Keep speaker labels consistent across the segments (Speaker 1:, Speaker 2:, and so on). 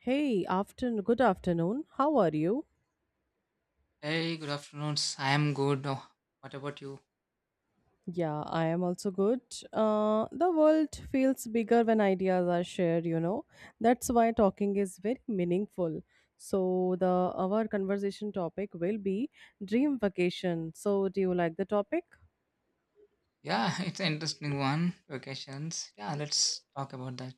Speaker 1: Hey, afternoon. Good afternoon. How are you?
Speaker 2: Hey, good afternoon. I am good. Oh, what about you?
Speaker 1: Yeah, I am also good. The world feels bigger when ideas are shared. You know, that's why talking is very meaningful. So the our conversation topic will be dream vacation. So do you like the topic?
Speaker 2: Yeah, it's an interesting one. Vacations. Yeah, let's talk about that.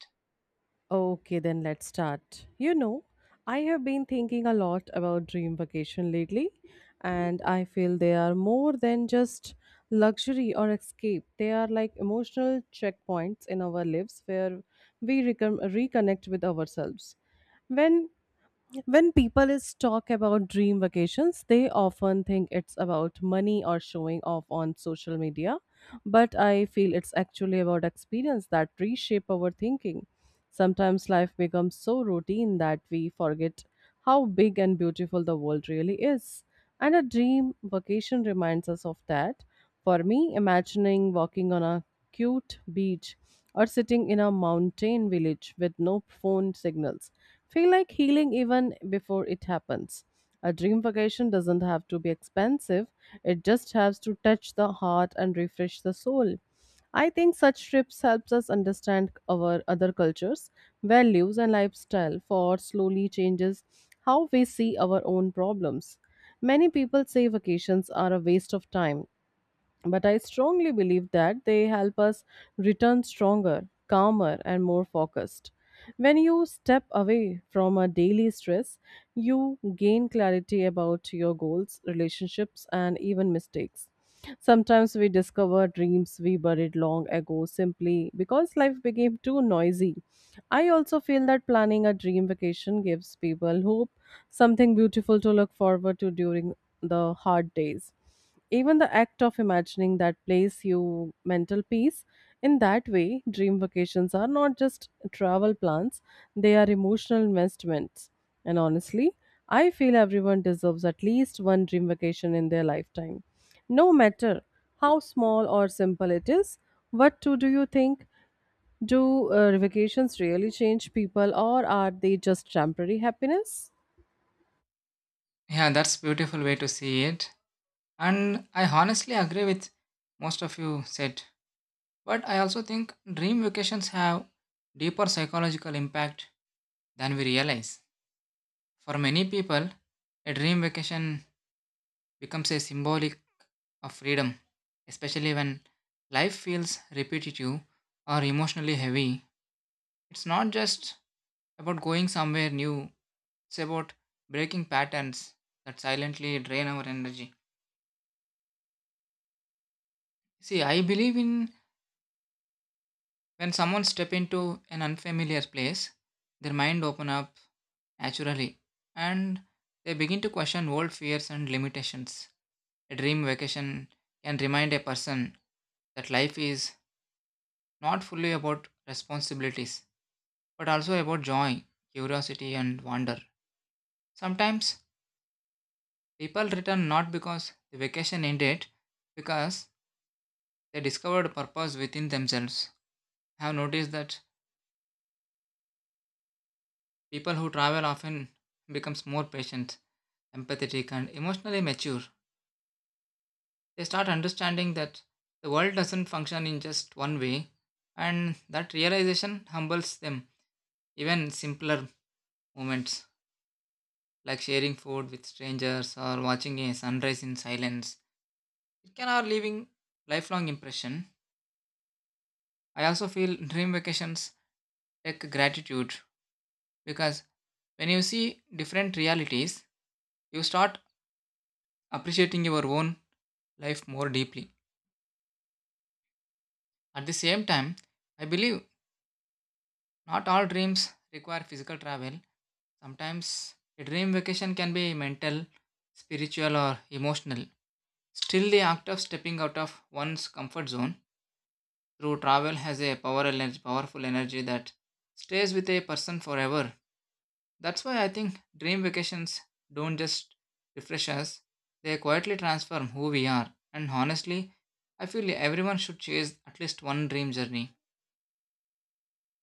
Speaker 1: Okay, then let's start. You know, I have been thinking a lot about dream vacation lately, and I feel they are more than just luxury or escape. They are like emotional checkpoints in our lives where we reconnect with ourselves. When when people is talk about dream vacations, they often think it's about money or showing off on social media, but I feel it's actually about experience that reshape our thinking. Sometimes life becomes so routine that we forget how big and beautiful the world really is, and a dream vacation reminds us of that. For me, imagining walking on a cute beach or sitting in a mountain village with no phone signals feel like healing even before it happens. A dream vacation doesn't have to be expensive, it just has to touch the heart and refresh the soul. I think such trips helps us understand our other cultures, values and lifestyle for slowly changes how we see our own problems. Many people say vacations are a waste of time, but I strongly believe that they help us return stronger, calmer, and more focused. When you step away from a daily stress, you gain clarity about your goals, relationships, and even mistakes. Sometimes we discover dreams we buried long ago simply because life became too noisy. I also feel that planning a dream vacation gives people hope, something beautiful to look forward to during the hard days. Even the act of imagining that place you mental peace. In that way, dream vacations are not just travel plans, they are emotional investments. And honestly, I feel everyone deserves at least one dream vacation in their lifetime. No matter how small or simple it is, what two do you think? Do vacations really change people, or are they just temporary happiness?
Speaker 2: Yeah, that's beautiful way to see it. And I honestly agree with most of you said. But I also think dream vacations have deeper psychological impact than we realize. For many people, a dream vacation becomes a symbolic of freedom, especially when life feels repetitive or emotionally heavy. It's not just about going somewhere new. It's about breaking patterns that silently drain our energy. See, I believe in when someone step into an unfamiliar place, their mind open up naturally, and they begin to question old fears and limitations. A dream vacation can remind a person that life is not fully about responsibilities, but also about joy, curiosity, and wonder. Sometimes people return not because the vacation ended, because they discovered purpose within themselves. I have noticed that people who travel often becomes more patient, empathetic and emotionally mature. They start understanding that the world doesn't function in just one way, and that realization humbles them. Even simpler moments like sharing food with strangers or watching a sunrise in silence. It can are leaving lifelong impression. I also feel dream vacations take gratitude because when you see different realities, you start appreciating your own life more deeply. At the same time, I believe not all dreams require physical travel. Sometimes a dream vacation can be mental, spiritual, or emotional. Still, the act of stepping out of one's comfort zone through travel has a powerful energy that stays with a person forever. That's why I think dream vacations don't just refresh us, they quietly transform who we are. And honestly, I feel everyone should chase at least one dream journey,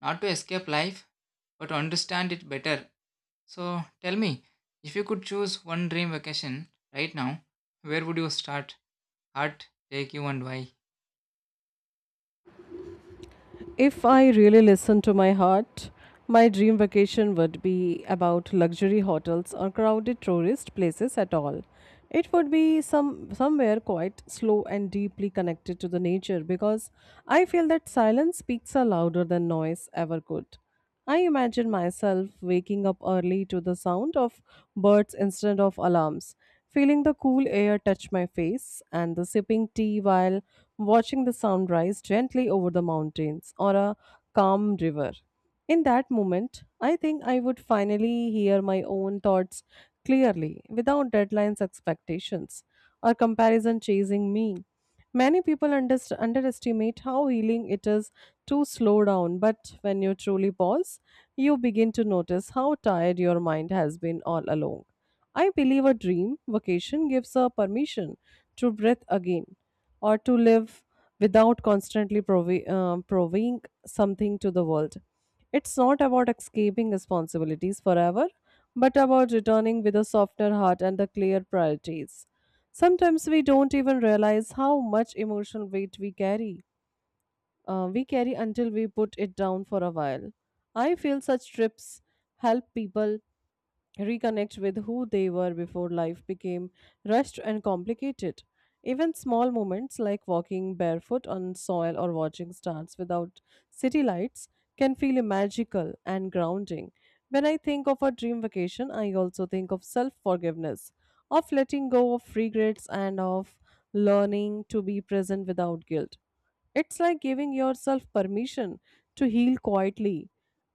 Speaker 2: not to escape life, but to understand it better. So tell me, if you could choose one dream vacation right now, where would you start? Heart, take you and why?
Speaker 1: If I really listened to my heart, my dream vacation would be about luxury hotels or crowded tourist places at all. It would be somewhere quite slow and deeply connected to the nature, because I feel that silence speaks are louder than noise ever could. I imagine myself waking up early to the sound of birds instead of alarms, feeling the cool air touch my face, and the sipping tea while watching the sun rise gently over the mountains or a calm river. In that moment, I think I would finally hear my own thoughts clearly without deadlines, expectations, or comparison chasing me. Many people underestimate how healing it is to slow down, but when you truly pause, you begin to notice how tired your mind has been all along. I believe a dream vacation gives a permission to breathe again or to live without constantly proving something to the world. It's not about escaping responsibilities forever, but about returning with a softer heart and the clear priorities. Sometimes we don't even realize how much emotional weight we carry. We carry until we put it down for a while. I feel such trips help people reconnect with who they were before life became rushed and complicated. Even small moments like walking barefoot on soil or watching stars without city lights can feel magical and grounding. When I think of a dream vacation, I also think of self forgiveness, of letting go of regrets, and of learning to be present without guilt. It's like giving yourself permission to heal quietly.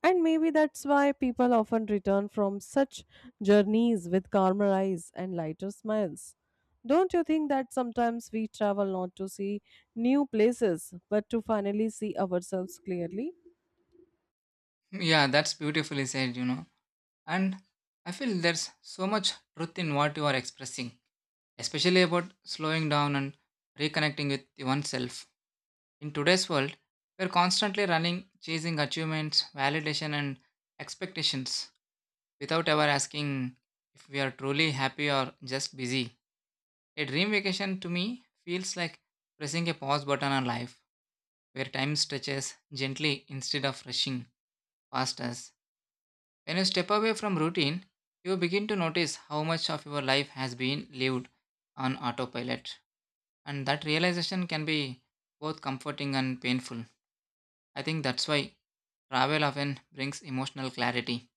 Speaker 1: And maybe that's why people often return from such journeys with calmer eyes and lighter smiles. Don't you think that sometimes we travel not to see new places, but to finally see ourselves clearly?
Speaker 2: Yeah, that's beautifully said, And I feel there's so much truth in what you are expressing, especially about slowing down and reconnecting with oneself. In today's world, we're constantly running, chasing achievements, validation, and expectations without ever asking if we are truly happy or just busy. A dream vacation to me feels like pressing a pause button on life, where time stretches gently instead of rushing past us. When you step away from routine, you begin to notice how much of your life has been lived on autopilot. And that realization can be both comforting and painful. I think that's why travel often brings emotional clarity.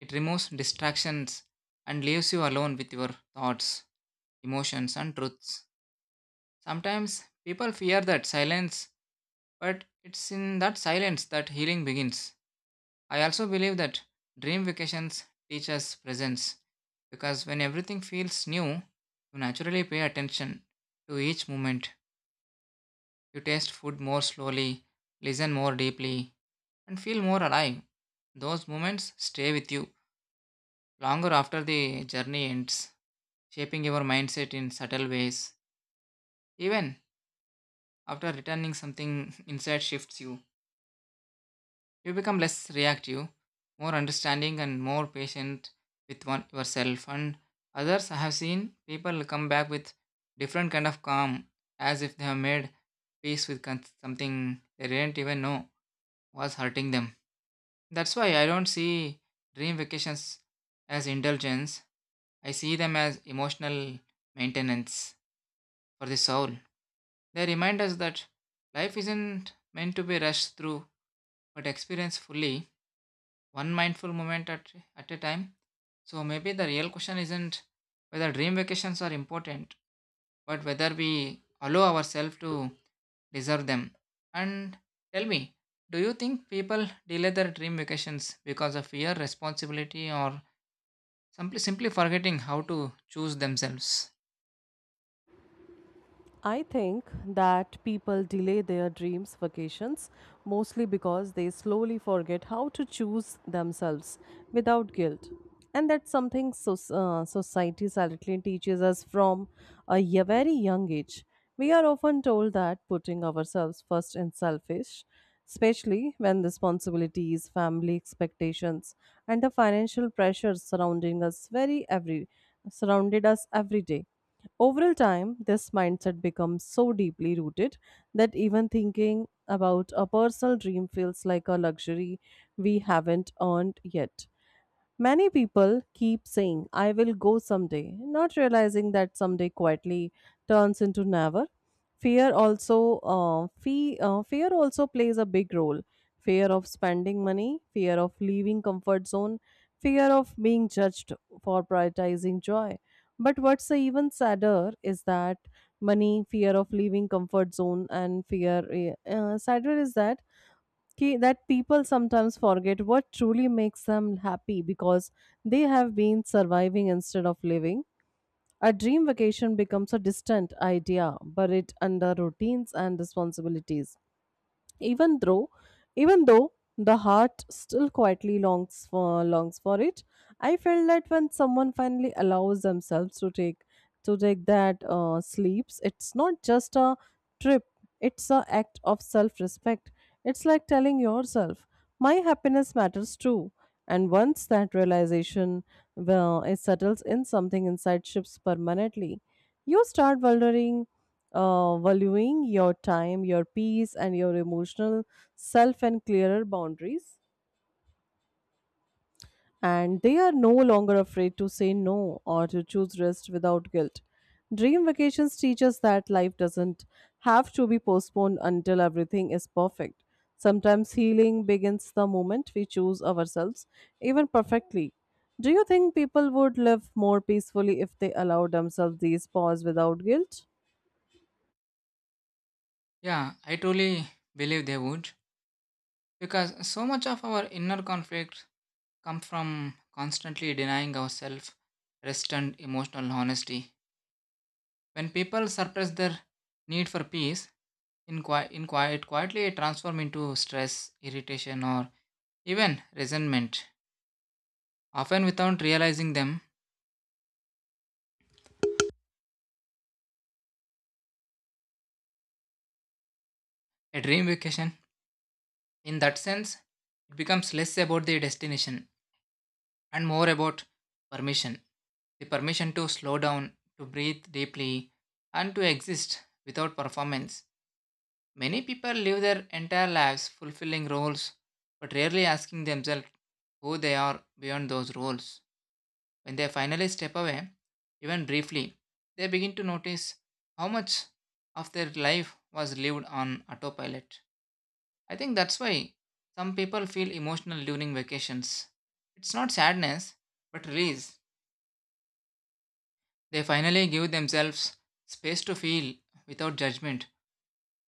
Speaker 2: It removes distractions and leaves you alone with your thoughts, emotions, and truths. Sometimes people fear that silence, but it's in that silence that healing begins. I also believe that dream vacations teach us presence, because when everything feels new, you naturally pay attention to each moment. You taste food more slowly, listen more deeply, and feel more alive. Those moments stay with you longer after the journey ends, shaping your mindset in subtle ways. Even after returning, something inside shifts you. You become less reactive, more understanding, and more patient with one yourself and others. I have seen people come back with different kind of calm, as if they have made peace with something they didn't even know was hurting them. That's why I don't see dream vacations as indulgence. I see them as emotional maintenance for the soul. They remind us that life isn't meant to be rushed through, but experienced fully, one mindful moment at a time. So maybe the real question isn't whether dream vacations are important, but whether we allow ourselves to deserve them. And tell me, do you think people delay their dream vacations because of fear, responsibility, or simply forgetting how to choose themselves?
Speaker 1: I think that people delay their dreams vacations mostly because they slowly forget how to choose themselves without guilt. And that's something so, society silently teaches us from a very young age. We are often told that putting ourselves first is selfish, especially when responsibilities, family expectations, and the financial pressures surrounding us very every surrounded us every day. Over time, this mindset becomes so deeply rooted that even thinking about a personal dream feels like a luxury we haven't earned yet. Many people keep saying, I will go someday, not realizing that someday quietly turns into never. Fear also, fear also plays a big role. Fear of spending money, fear of leaving comfort zone, fear of being judged for prioritizing joy. But what's even sadder is that money, fear of leaving comfort zone, and sadder is that that people sometimes forget what truly makes them happy because they have been surviving instead of living. A dream vacation becomes a distant idea, buried under routines and responsibilities, even though even though the heart still quietly longs for it. I felt that when someone finally allows themselves to take that sleeps, it's not just a trip, it's a act of self respect. It's like telling yourself, my happiness matters too. And once that realization, well, it settles in, something inside ships permanently. You start valuing your time, your peace, and your emotional self and clearer boundaries, and they are no longer afraid to say no or to choose rest without guilt. Dream vacations teach us that life doesn't have to be postponed until everything is perfect. Sometimes healing begins the moment we choose ourselves, even perfectly. Do you think people would live more peacefully if they allowed themselves these pause without guilt?
Speaker 2: Yeah, I truly believe they would, because so much of our inner conflict come from constantly denying ourselves rest and emotional honesty. When people suppress their need for peace, in quietly transform into stress, irritation, or even resentment, often without realizing them. A dream vacation, in that sense, it becomes less about the destination and more about permission, the permission to slow down, to breathe deeply, and to exist without performance. Many people live their entire lives fulfilling roles, but rarely asking themselves who they are beyond those roles. When they finally step away, even briefly, they begin to notice how much of their life was lived on autopilot. I think that's why some people feel emotional during vacations. It's not sadness, but release. They finally give themselves space to feel without judgment.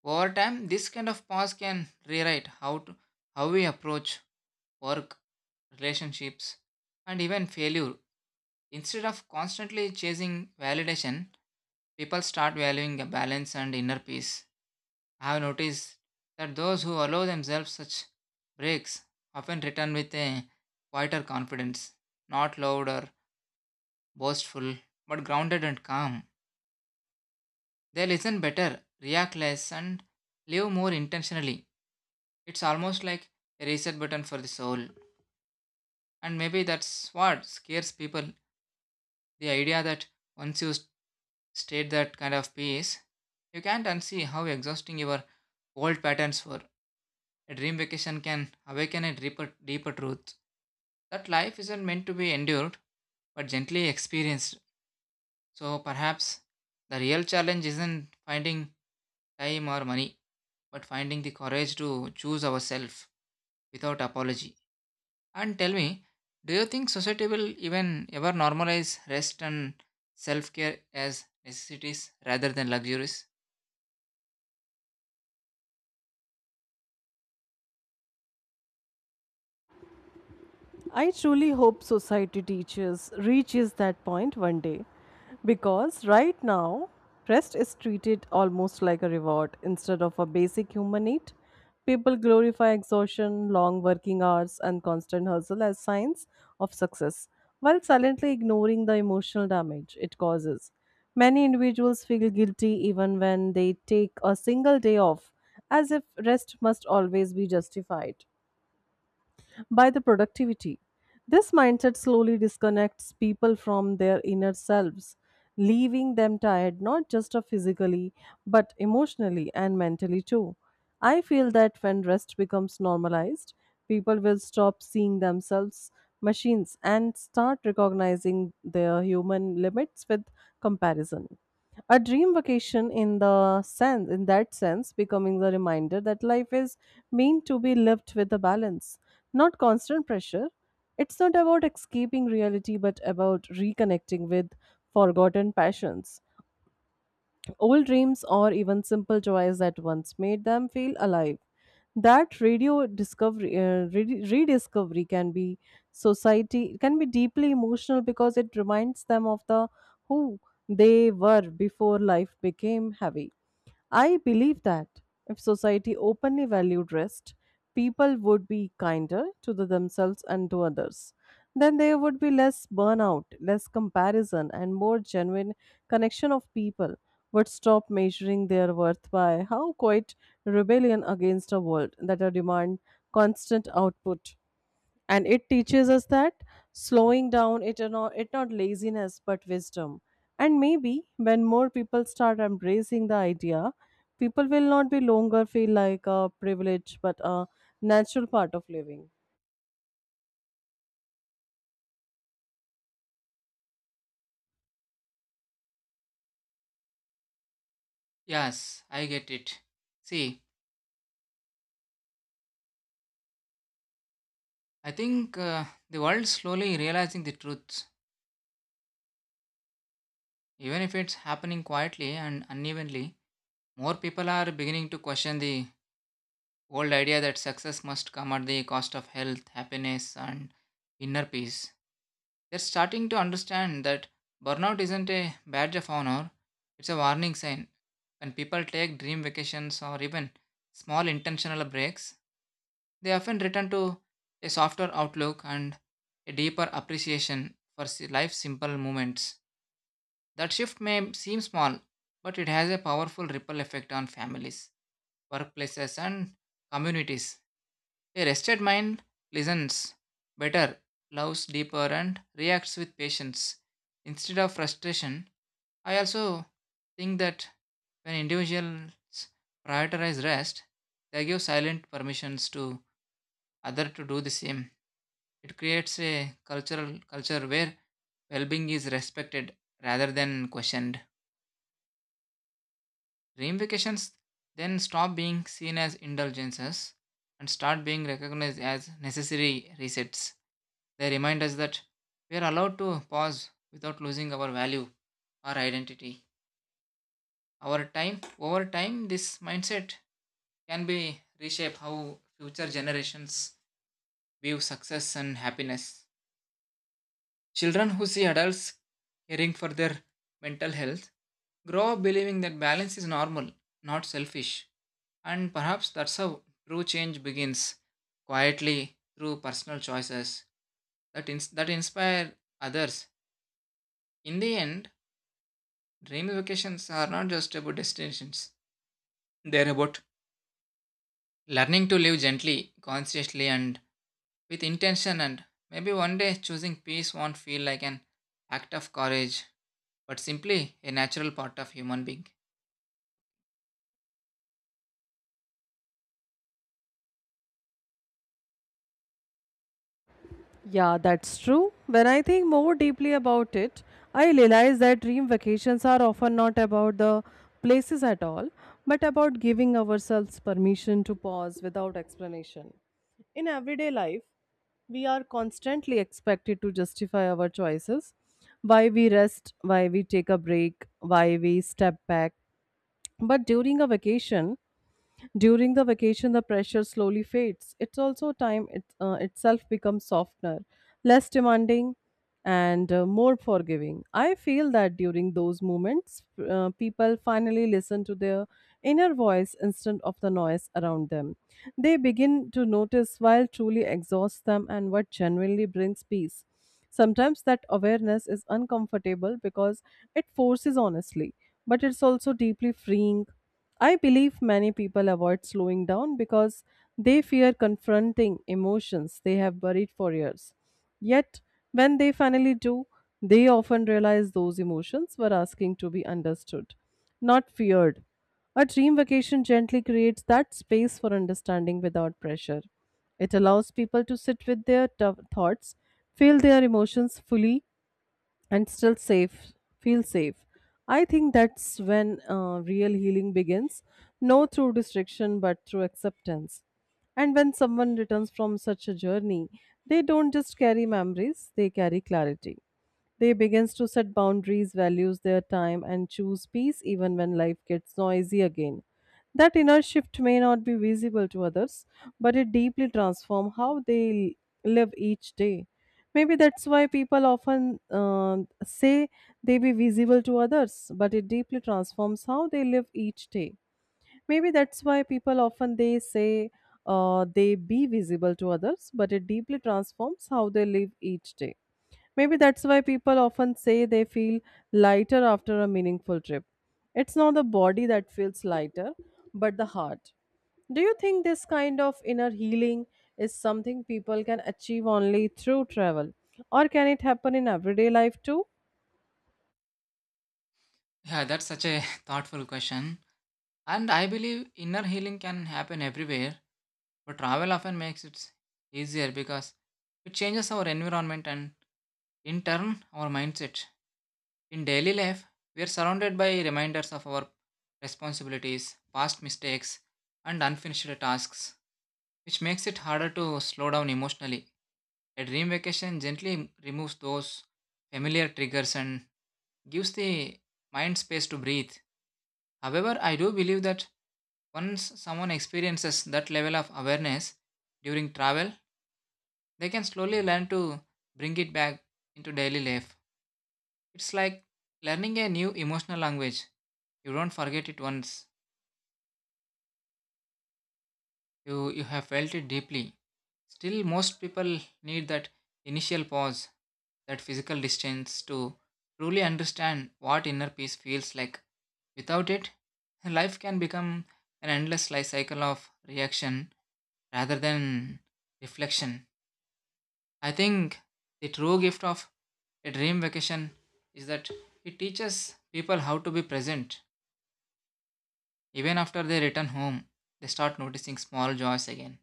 Speaker 2: Over time, this kind of pause can rewrite how we approach work, relationships, and even failure. Instead of constantly chasing validation, people start valuing a balance and inner peace. I have noticed that those who allow themselves such breaks often return with a quieter confidence, not loud or boastful, but grounded and calm. They listen better, react less, and live more intentionally. It's almost like a reset button for the soul. And maybe that's what scares people, the idea that once you state that kind of peace, you can't unsee how exhausting your old patterns were. A dream vacation can awaken a deeper truth that life isn't meant to be endured but gently experienced. So perhaps the real challenge isn't finding time or money, but finding the courage to choose ourselves without apology. And tell me, do you think society will even ever normalize rest and self care as necessities rather than luxuries?
Speaker 1: I truly hope society teaches reaches that point one day, because right now rest is treated almost like a reward instead of a basic human need. People glorify exhaustion, long working hours, and constant hustle as signs of success, while silently ignoring the emotional damage it causes. Many individuals feel guilty even when they take a single day off, as if rest must always be justified by the productivity. This mindset slowly disconnects people from their inner selves, leaving them tired not just of physically but emotionally and mentally too. I feel that when rest becomes normalized, people will stop seeing themselves machines and start recognizing their human limits with comparison. A dream vacation in that sense becoming the reminder that life is meant to be lived with a balance, not constant pressure. It's not about escaping reality, but about reconnecting with forgotten passions, old dreams, or even simple joys that once made them feel alive. That radio rediscovery can be society, can be deeply emotional because it reminds them of the who they were before life became heavy. I believe that if society openly valued rest, people would be kinder to the themselves and to others. Then there would be less burnout, less comparison, and more genuine connection of people would stop measuring their worth by how quite rebellion against a world that a demand constant output, and it teaches us that slowing down it are not it not laziness but wisdom. And maybe when more people start embracing the idea, people will not be longer feel like a privilege but a natural part of living.
Speaker 2: Yes, I get it. See, I think the world slowly realizing the truth. Even if it's happening quietly and unevenly, more people are beginning to question the old idea that success must come at the cost of health, happiness, and inner peace. They're starting to understand that burnout isn't a badge of honor, it's a warning sign. When people take dream vacations or even small intentional breaks, they often return to a softer outlook and a deeper appreciation for life's simple moments. That shift may seem small, but it has a powerful ripple effect on families, workplaces, and communities. A rested mind listens better, loves deeper, and reacts with patience instead of frustration. I also think that when individuals prioritize rest, they give silent permissions to others to do the same. It creates a cultural culture where well-being is respected rather than questioned. Ramifications then stop being seen as indulgences and start being recognized as necessary resets. They remind us that we are allowed to pause without losing our value, our identity, our time. Over time, this mindset can be reshaped how future generations view success and happiness. Children who see adults caring for their mental health grow up believing that balance is normal, not selfish. And perhaps that's how true change begins, quietly, through personal choices that that inspire others. In the end, dream vacations are not just about destinations, they're about learning to live gently, consciously, and with intention. And maybe one day choosing peace won't feel like an act of courage, but simply a natural part of human being.
Speaker 1: Yeah, that's true. When I think more deeply about it, I realize that dream vacations are often not about the places at all, but about giving ourselves permission to pause without explanation. In everyday life, we are constantly expected to justify our choices, why we rest, why we take a break, why we step back. But during the vacation, the pressure slowly fades. It's also time itself becomes softener, less demanding, and more forgiving. I feel that during those moments, people finally listen to their inner voice instead of the noise around them. They begin to notice while truly exhausts them and what genuinely brings peace. Sometimes that awareness is uncomfortable because it forces honestly, but it's also deeply freeing. I believe many people avoid slowing down because they fear confronting emotions they have buried for years. Yet, when they finally do, they often realize those emotions were asking to be understood, not feared. A dream vacation gently creates that space for understanding without pressure. It allows people to sit with their thoughts, feel their emotions fully, and still safe. Feel safe. I think that's when real healing begins, no through distraction but through acceptance. And when someone returns from such a journey, they don't just carry memories, they carry clarity. They begins to set boundaries, values their time and choose peace even when life gets noisy again. That inner shift may not be visible to others, but it deeply transforms how they live each day. Maybe that's why people often say they be visible to others, but it deeply transforms how they live each day. Maybe that's why people often they be visible to others, but it deeply transforms how they live each day. Maybe that's why people often say they feel lighter after a meaningful trip. It's not the body that feels lighter, but the heart. Do you think this kind of inner healing is something people can achieve only through travel, or can it happen in everyday life too?
Speaker 2: Yeah, that's such a thoughtful question. And I believe inner healing can happen everywhere, but travel often makes it easier because it changes our environment and, in turn, our mindset. In daily life, we are surrounded by reminders of our responsibilities, past mistakes, and unfinished tasks, which makes it harder to slow down emotionally. A dream vacation gently removes those familiar triggers and gives the mind space to breathe. However, I do believe that once someone experiences that level of awareness during travel, they can slowly learn to bring it back into daily life. It's like learning a new emotional language. You don't forget it once you have felt it deeply. Still most people need that initial pause, that physical distance, to truly understand what inner peace feels like. Without it life can become an endless life cycle of reaction rather than reflection. I think the true gift of a dream vacation is that it teaches people how to be present. Even after they return home, they start noticing small joys again,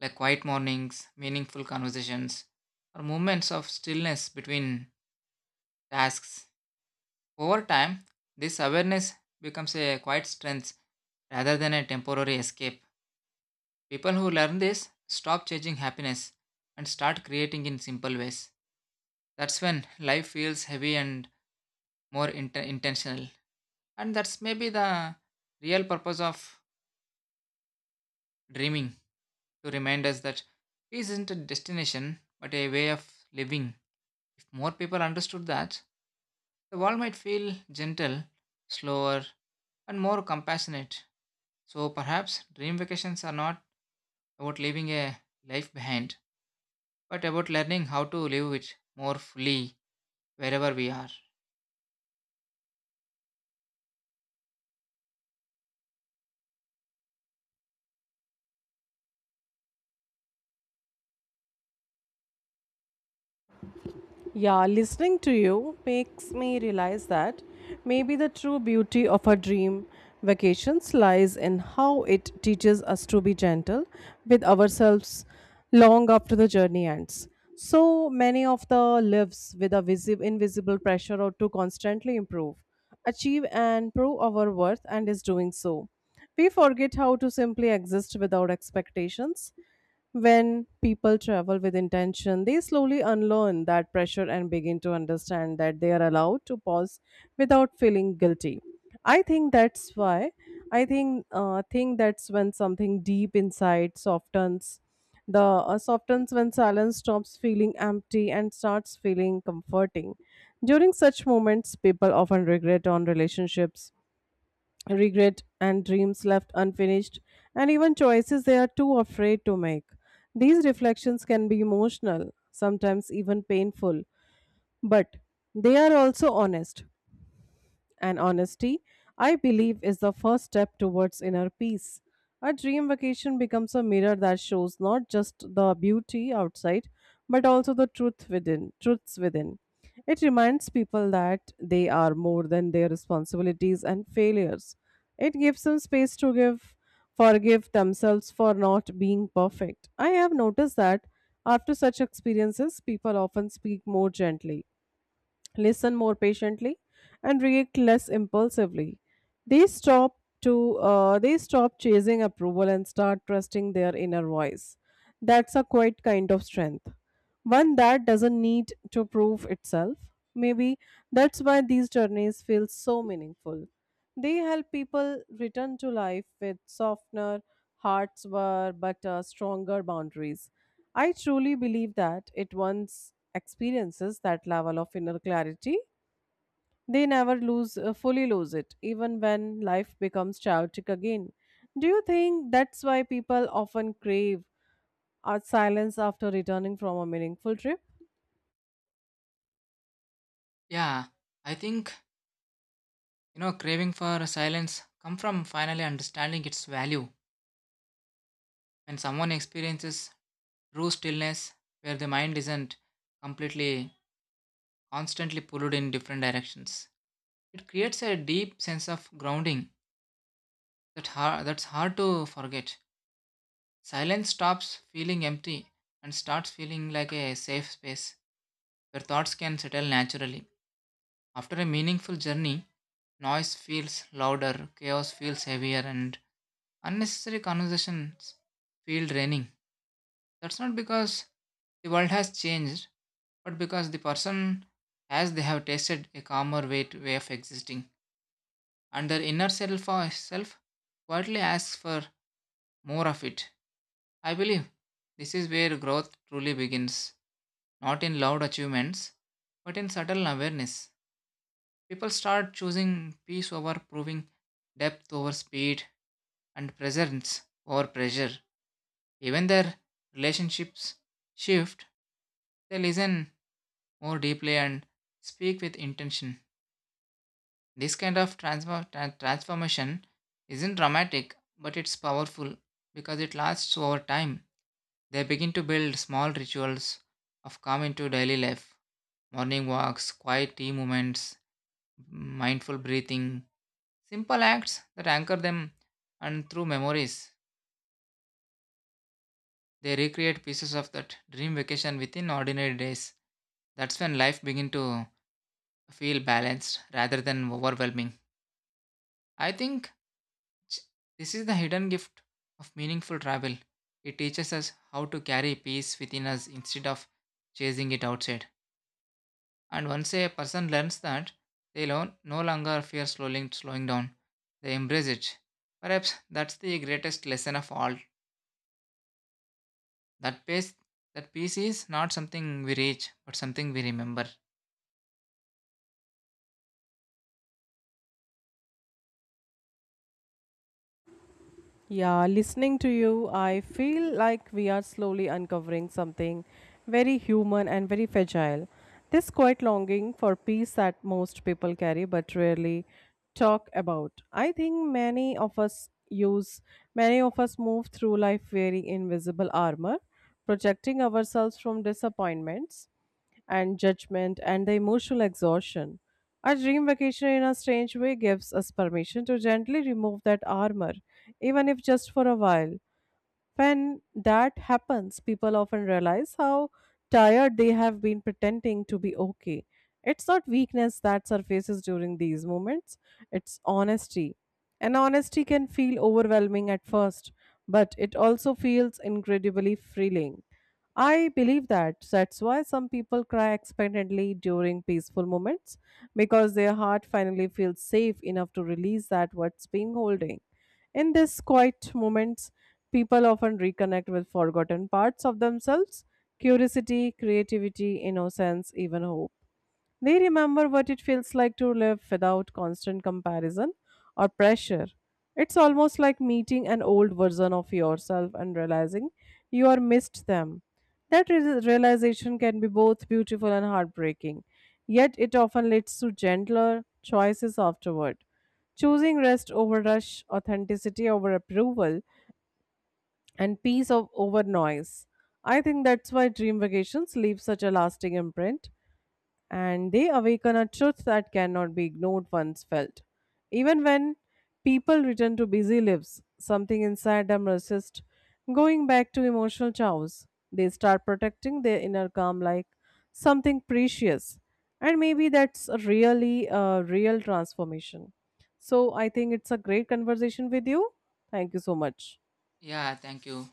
Speaker 2: like quiet mornings, meaningful conversations, or moments of stillness between tasks. Over time, this awareness becomes a quiet strength rather than a temporary escape. People who learn this stop chasing happiness and start creating in simple ways. That's when life feels heavy and more intentional. And that's maybe the real purpose of dreaming, to remind us that peace isn't a destination but a way of living. If more people understood that, the world might feel gentle, slower, and more compassionate. So perhaps dream vacations are not about leaving a life behind, but about learning how to live it more fully wherever we are.
Speaker 1: Yeah, listening to you makes me realize that maybe the true beauty of a dream vacations lies in how it teaches us to be gentle with ourselves long after the journey ends. So many of the lives with a visible invisible pressure or to constantly improve, achieve and prove our worth and is doing so. We forget how to simply exist without expectations when people travel with intention, they slowly unlearn that pressure and begin to understand that they are allowed to pause without feeling guilty. I think that's why I think that's when something deep inside softens. The softens when silence stops feeling empty and starts feeling comforting. During such moments, people often regret on relationships regret and dreams left unfinished, and even choices they are too afraid to make. These reflections can be emotional, sometimes even painful, but they are also honest. And honesty, I believe, is the first step towards inner peace. A dream vacation becomes a mirror that shows not just the beauty outside, but also the truth within, truths within. It reminds people that they are more than their responsibilities and failures. It gives them space to give, forgive themselves for not being perfect. I have noticed that after such experiences, people often speak more gently, listen more patiently, and react less impulsively. They stop to they stop chasing approval and start trusting their inner voice. That's a quite kind of strength, one that doesn't need to prove itself. Maybe that's why these journeys feel so meaningful. They help people return to life with softener hearts were but stronger boundaries. I truly believe that it once experiences that level of inner clarity, they never lose fully lose it, even when life becomes chaotic again. Do you think that's why people often crave our silence after returning from a meaningful trip?
Speaker 2: Yeah, I think you know craving for silence come from finally understanding its value. When someone experiences true stillness, where the mind isn't completely constantly pulled in different directions, it creates a deep sense of grounding that har that's hard to forget. Silence stops feeling empty and starts feeling like a safe space where thoughts can settle naturally. After a meaningful journey, noise feels louder, chaos feels heavier, and unnecessary conversations feel draining. That's not because the world has changed, but because the person, as they have tasted a calmer way of existing, and their inner self quietly asks for more of it. I believe this is where growth truly begins, not in loud achievements, but in subtle awareness. People start choosing peace over proving, depth over speed, and presence over pressure. Even their relationships shift. They listen more deeply and speak with intention. This kind of transformation isn't dramatic, but it's powerful because it lasts over time. They begin to build small rituals of calm into daily life, morning walks, quiet tea moments, mindful breathing, simple acts that anchor them and through memories. They recreate pieces of that dream vacation within ordinary days. That's when life begins to feel balanced rather than overwhelming. I think this is the hidden gift of meaningful travel. It teaches us how to carry peace within us instead of chasing it outside. And once a person learns that, they no longer fear slowing down. They embrace it. Perhaps that's the greatest lesson of all. That peace is not something we reach, but something we remember.
Speaker 1: Yeah, listening to you, I feel like we are slowly uncovering something very human and very fragile. This quiet longing for peace that most people carry but rarely talk about. I think many of us move through life wearing invisible armor, protecting ourselves from disappointments and judgment and the emotional exhaustion. Our dream vacation, in a strange way, gives us permission to gently remove that armor, even if just for a while. When that happens, people often realize how tired they have been pretending to be okay. It's not weakness that surfaces during these moments, it's honesty. And honesty can feel overwhelming at first, but it also feels incredibly freeing. I believe that. So that's why some people cry expectantly during peaceful moments because their heart finally feels safe enough to release that what's been holding. In these quiet moments, people often reconnect with forgotten parts of themselves, curiosity, creativity, innocence, even hope. They remember what it feels like to live without constant comparison or pressure. It's almost like meeting an old version of yourself and realizing you are missed them. That realization can be both beautiful and heartbreaking, yet it often leads to gentler choices afterward. Choosing rest over rush, authenticity over approval, and peace of over noise. I think that's why dream vacations leave such a lasting imprint and they awaken a truth that cannot be ignored once felt. Even when people return to busy lives, something inside them resists going back to emotional chaos. They start protecting their inner calm like something precious, and maybe that's a really a real transformation. So I think it's a great conversation with you. Thank you so much.
Speaker 2: Yeah, thank you.